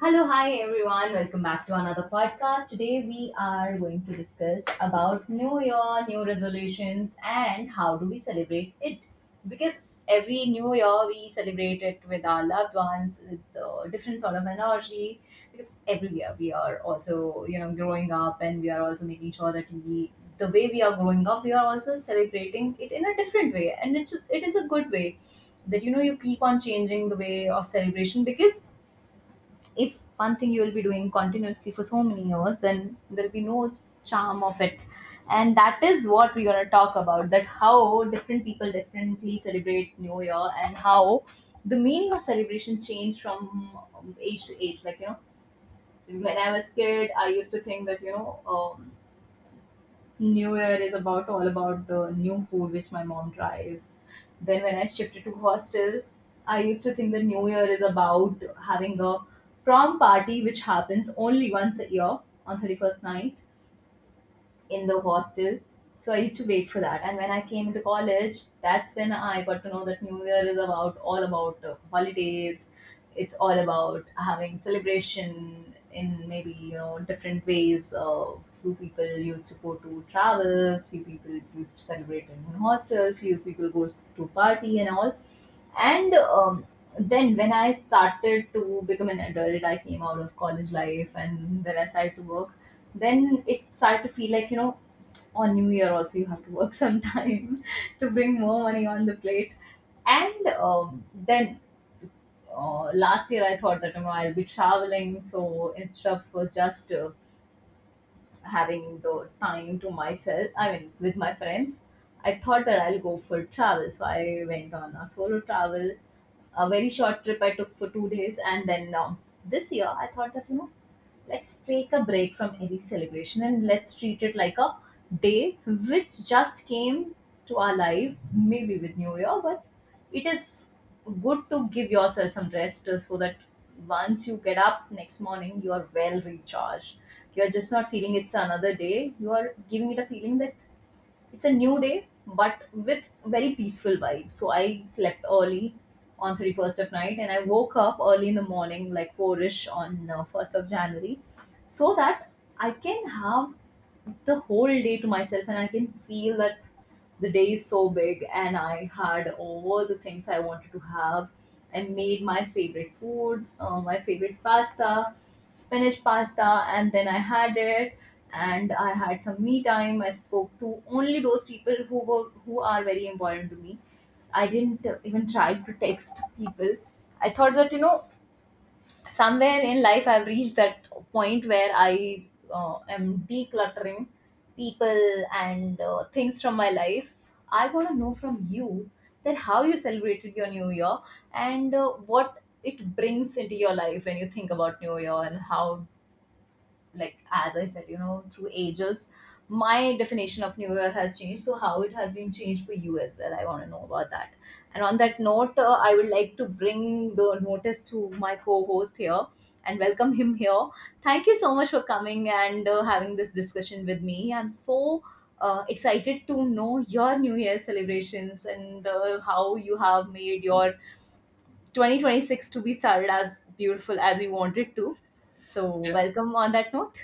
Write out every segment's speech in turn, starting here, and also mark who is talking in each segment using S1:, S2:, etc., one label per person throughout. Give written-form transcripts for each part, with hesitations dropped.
S1: Hello, hi everyone. Welcome back to another podcast. Today we are going to discuss about new year, new resolutions and how do we celebrate it? Because every new year we celebrate it with our loved ones with different sort of energy because every year we are also, growing up and we are also making sure that we the way we are growing up, we are also celebrating it in a different way, and it is a good way that you know you keep on changing the way of celebration because if one thing you will be doing continuously for so many years then there'll be no charm of it. And that is what we're going to talk about, that how different people differently celebrate new year and how the meaning of celebration changed from age to age, like you know, when I was kid I used to think that New Year is about all about the new food which my mom tries. Then when I shifted to hostel, I used to think that New Year is about having a prom party which happens only once a year on 31st night in the hostel. So I used to wait for that. And when I came to college, that's when I got to know that New Year is about all about holidays. It's all about having celebration in maybe you know different ways. Few people used to go to travel, few people used to celebrate in hostel, few people goes to party and all. And then when I started to become an adult, I came out of college life and then I started to work. Then it started to feel like you know on new year also you have to work sometime to bring more money on the plate. And then last year I thought that you know I'll be traveling, so instead of just having the time to myself, I mean, with my friends, I thought that I'll go for travel. So I went on a solo travel, a very short trip I took for 2 days. And then this year, I thought that, you know, let's take a break from any celebration and let's treat it like a day which just came to our life, maybe with New Year, but it is good to give yourself some rest, so that once you get up next morning, you are well recharged. You are just not feeling it's another day, you are giving it a feeling that it's a new day but with very peaceful vibe. So I slept early on 31st of night and I woke up early in the morning like 4ish on 1st of January, so that I can have the whole day to myself and I can feel that the day is so big and I had all the things I wanted to have. I made my favorite food, my favorite pasta, spinach pasta, and then I had it and I had some me time. I spoke to only those people who were who are very important to me. I didn't even try to text people. I thought that you know somewhere in life I've reached that point where I am decluttering people and things from my life. I want to know from you that how you celebrated your new year and what it brings into your life when you think about new year and how, like as I said, you know, through ages, my definition of New Year has changed. So how it has been changed for you as well, I want to know about that. And on that note, I would like to bring the notice to my co-host here and welcome him here. Thank you so much for coming and having this discussion with me. I'm so excited to know your New Year celebrations and how you have made your 2026 to be started as beautiful as we want it to. So,
S2: Yeah,
S1: welcome on that note.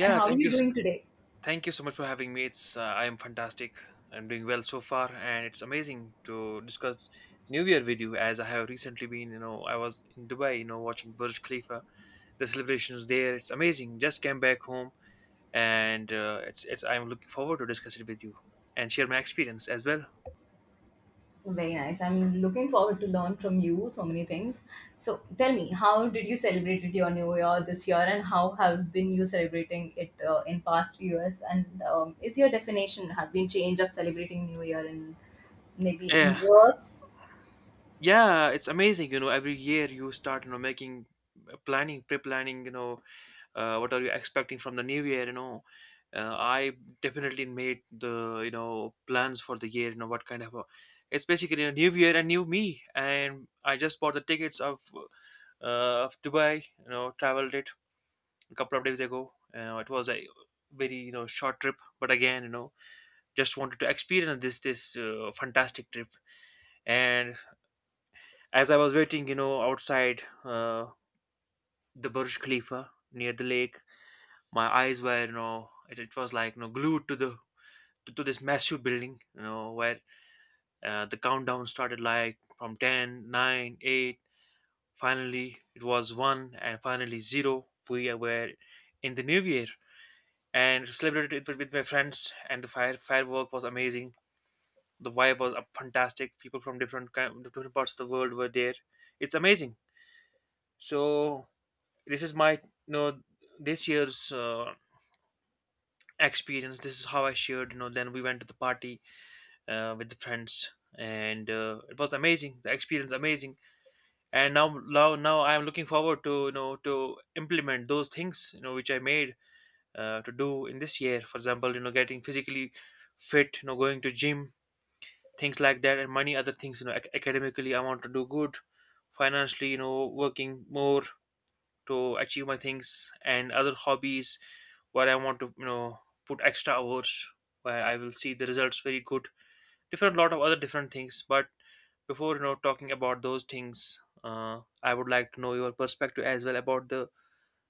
S1: And how are you doing today?
S2: Thank you so much for having me. It's I am fantastic. I'm doing well so far, and it's amazing to discuss New Year with you. As I have recently been, I was in Dubai, watching Burj Khalifa. The celebrations there, it's amazing. Just came back home, and it's it's. I'm looking forward to discuss it with you and share my experience as well.
S1: Very nice. I'm looking forward to learn from you so many things. So tell me, how did you celebrate your New Year this year, and how have been you celebrating it in past few years? And is your definition has been changed of celebrating New Year in maybe in
S2: Yeah,
S1: years.
S2: yeah. It's amazing. Every year you start, making planning, pre-planning. What are you expecting from the new year? I definitely made the plans for the year, what kind of a, it's basically a new year and new me. And I just bought the tickets of Dubai, traveled it a couple of days ago. It was a very, short trip, but again, just wanted to experience this fantastic trip. And as I was waiting, outside the Burj Khalifa near the lake, my eyes were, you know, it was like, glued to the to this massive building. Where the countdown started like from ten, nine, 8, finally it was 1, and finally 0, we were in the new year. And celebrated it with my friends, and the firework was amazing. The vibe was fantastic. People from different kind, different parts of the world were there. It's amazing. So this is my, know this year's experience. This is how I shared. Then we went to the party with the friends, and it was amazing, the experience, amazing. And now I'm looking forward to, to implement those things, which I made to do in this year. For example, getting physically fit, going to gym, things like that, and many other things. Academically I want to do good, financially, working more to achieve my things, and other hobbies where I want to, put extra hours where I will see the results very good. Different lot of other different things. But before, talking about those things, I would like to know your perspective as well about the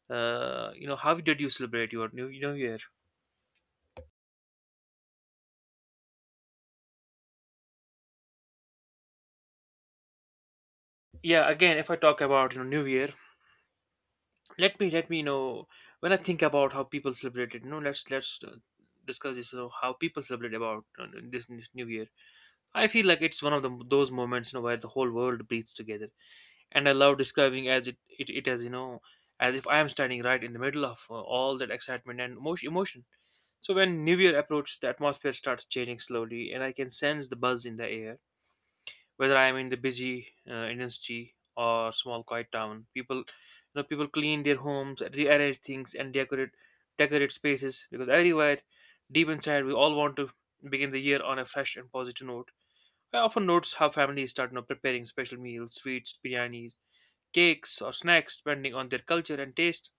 S2: how did you celebrate your new year? Yeah, again, if I talk about, new year, let me know, when I think about how people celebrate it, you know let's discuss this, how people celebrate about this new year. I feel like it's one of the those moments, where the whole world breathes together, and I love describing as it, as as if I am standing right in the middle of all that excitement and emotion. So when New Year approaches, the atmosphere starts changing slowly, and I can sense the buzz in the air. Whether I am in the busy Indian city or small quiet town, people you know people clean their homes, rearrange things, and decorate spaces, because everywhere deep inside we all want to begin the year on a fresh and positive note. I often notice how families start, preparing special meals, sweets, biryanis, cakes or snacks depending on their culture and taste.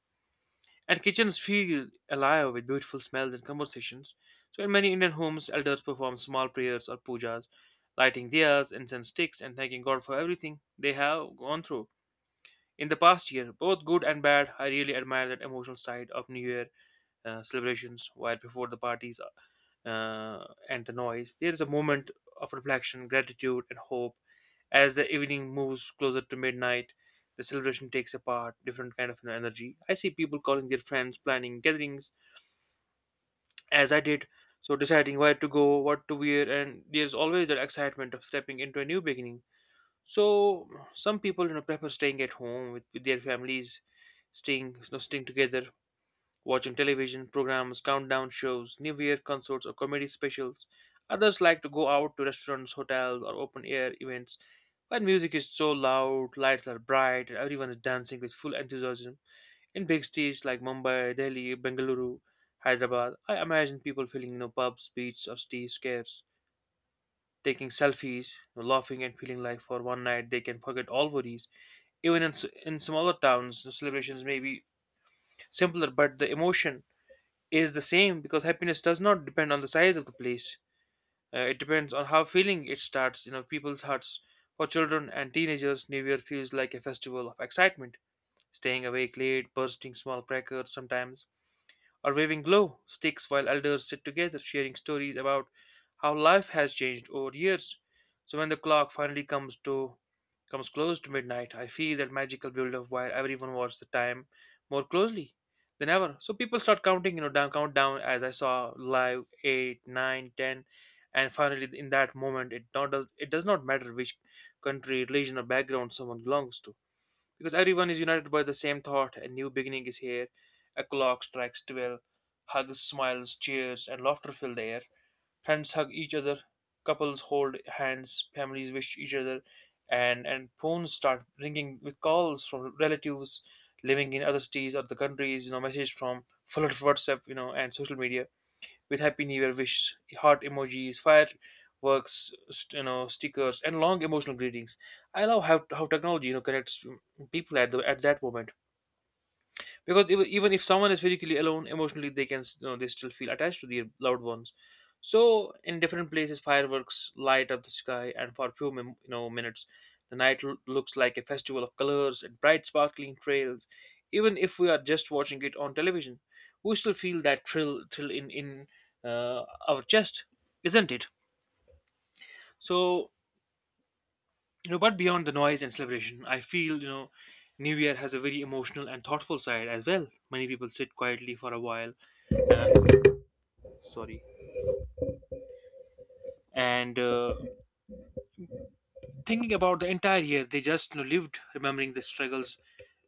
S2: And kitchens feel alive with beautiful smells and conversations. So, in many Indian homes, elders perform small prayers or pujas, lighting diyas, incense sticks, and thanking God for everything they have gone through in the past year, both good and bad. I really admire that emotional side of New Year celebrations. While before the parties and the noise, there is a moment of reflection, gratitude, and hope. As the evening moves closer to midnight, the celebration takes apart different kind of, energy. I see people calling their friends, planning gatherings, as I did. So deciding where to go, what to wear, and there's always that excitement of stepping into a new beginning. So some people, prefer staying at home with their families, staying, staying together, watching television programs, countdown shows, New Year concerts, or comedy specials. Others like to go out to restaurants, hotels, or open air events, when music is so loud, lights are bright, and everyone is dancing with full enthusiasm. In big cities like Mumbai, Delhi, Bengaluru, Hyderabad, I imagine people feeling, pubs, beats, or city scares, taking selfies, laughing, and feeling like for one night they can forget all worries. Even in smaller towns, the celebrations may be simpler, but the emotion is the same, because happiness does not depend on the size of the place. It depends on how feeling it starts, people's hearts. For children and teenagers, New Year feels like a festival of excitement, staying awake late, bursting small crackers sometimes, or waving glow sticks, while elders sit together sharing stories about how life has changed over years. So when the clock finally comes close to midnight, I feel that magical build-up where everyone watches the time more closely than ever. So people start counting, down, countdown, as I saw live, 8, 9, 10, and finally in that moment, it not does it does not matter which country, religion or background someone belongs to, because everyone is united by the same thought, a new beginning is here. A clock strikes 12, hugs, smiles, cheers and laughter fill the air. Friends hug each other, couples hold hands, families wish each other, and phones start ringing with calls from relatives living in other cities or the countries. Message from full of WhatsApp, and social media, with Happy New Year wishes, heart emojis, fireworks, stickers, and long emotional greetings. I love how technology, connects people at the at that moment, because even if someone is physically alone, emotionally they you know, they still feel attached to their loved ones. So in different places, fireworks light up the sky, and for a few you know, minutes, the night looks like a festival of colors and bright sparkling trails. Even if we are just watching it on television, we still feel that thrill in uh, our chest, isn't it? So, but beyond the noise and celebration, I feel, new year has a very emotional and thoughtful side as well. Many people sit quietly for a while, uh, sorry and thinking about the entire year they just, lived, remembering the struggles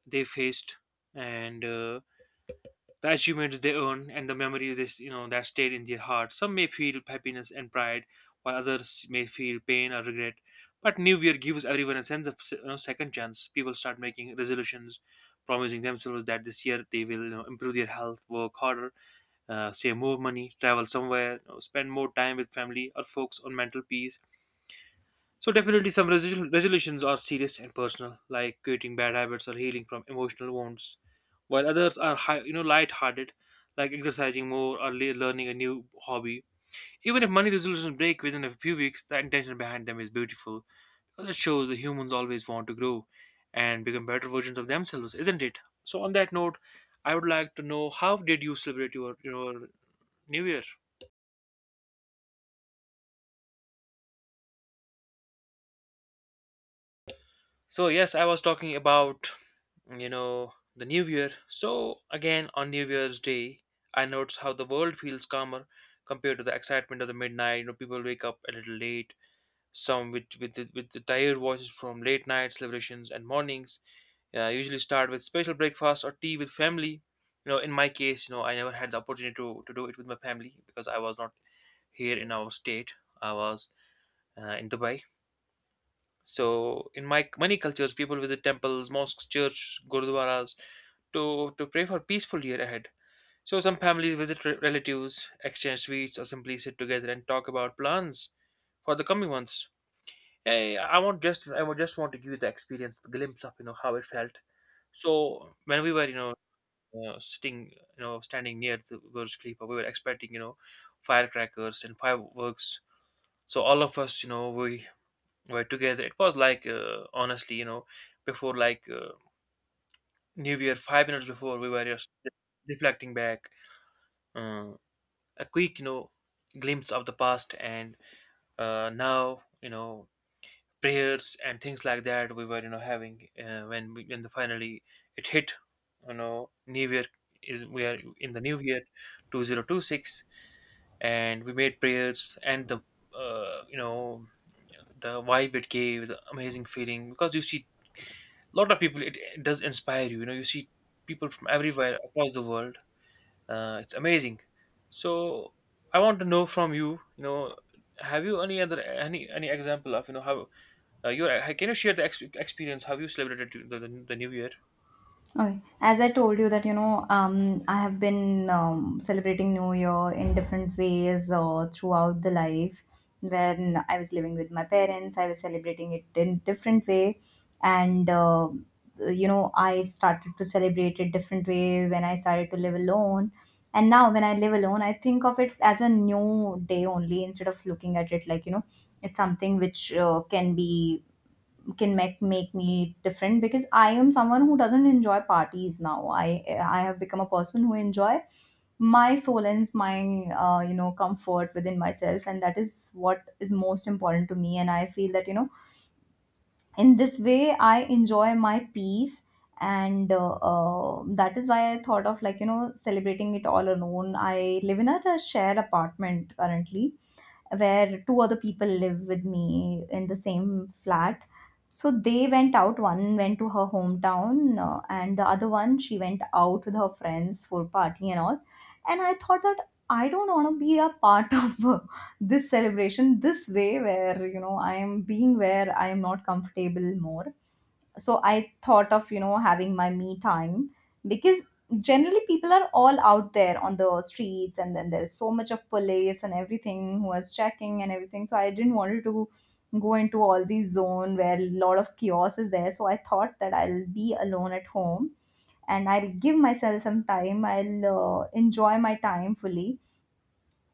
S2: they faced, and the achievements they earned, and the memories you know, that stayed in their heart. Some may feel happiness and pride, while others may feel pain or regret, but new year gives everyone a sense of you know, second chance. People start making resolutions, promising themselves that this year they will, improve their health, work harder, save more money, travel somewhere, spend more time with family, or focus on mental peace. So definitely some resolutions are serious and personal, like quitting bad habits or healing from emotional wounds, while others are high, you know, light-hearted, like exercising more or learning a new hobby. Even if money resolutions break within a few weeks, the intention behind them is beautiful. It shows that humans always want to grow and become better versions of themselves, isn't it? So on that note, I would like to know, how did you celebrate your New Year? So yes, I was talking about, the new year. So again, on New Year's Day, I noticed how the world feels calmer compared to the excitement of the midnight. You know, people wake up a little late, some with the tired voices from late night celebrations, and mornings usually start with special breakfast or tea with family. You know, in my case, you know, I never had the opportunity to do it with my family, because I was not here in our state. I was in Dubai. So in my many cultures, people visit temples, mosques, church, gurdwaras to pray for peaceful year ahead. So some families visit relatives, exchange sweets, or simply sit together and talk about plans for the coming months. Hey, I want just I would just want to give you the experience, the glimpse of, you know, how it felt. So when we were, sitting, you know, standing near the Burj Khalifa, we were expecting, firecrackers and fireworks. So all of us, you know, we were together. It was like, honestly, you know, before like, New Year, 5 minutes before, we were just reflecting back, uh, a quick, you know, glimpse of the past, and now, you know, prayers and things like that we were, you know, having. When the finally it hit, you know, New Year is, we are in the New Year, 2026, and we made prayers and the you know, the vibe, it gave the amazing feeling, because you see lot of people, it does inspire you. You know, you see people from everywhere across the world. It's amazing. So I want to know from you, you know, have you any other any example of, you know, how you can you share the experience? Have you celebrated the new year?
S1: Okay. As I told you that, you know, I have been celebrating New Year in different ways throughout the life. When I was living with my parents, I was celebrating it in different way, and you know, I started to celebrate it different way when I started to live alone. And now, when I live alone, I think of it as a new day only instead of looking at it like you know, it's something which can make me different because I am someone who doesn't enjoy parties now. I have become a person who enjoy my solence, my you know comfort within myself, and that is what is most important to me. And I feel that you know in this way I enjoy my peace. And that is why I thought of like, you know, celebrating it all alone. I live in a shared apartment currently where two other people live with me in the same flat. So they went out. One went to her hometown, and the other one she went out with her friends for partying and all. And I thought that I don't want to be a part of this celebration this way, where you know I am being where I am not comfortable more. So I thought of you know having my me time because generally people are all out there on the streets and then there's so much of police and everything who was checking and everything, so I didn't want to go into all these zone where a lot of chaos is there. So I thought that I'll be alone at home and I'll give myself some time, I'll enjoy my time fully.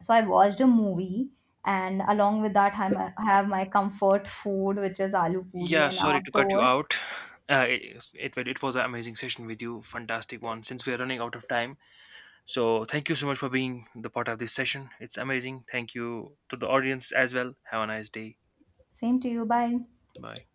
S1: So I watched a movie and along with that have my comfort food, which is aloo puri,
S2: Yeah,
S1: and
S2: sorry to cut you
S1: afterwards
S2: out. It was an amazing session with you, fantastic one. Since we are running out of time, so thank you so much for being the part of this session. It's amazing. Thank you to the audience as well. Have a nice day.
S1: Same to you. Bye.
S2: Bye.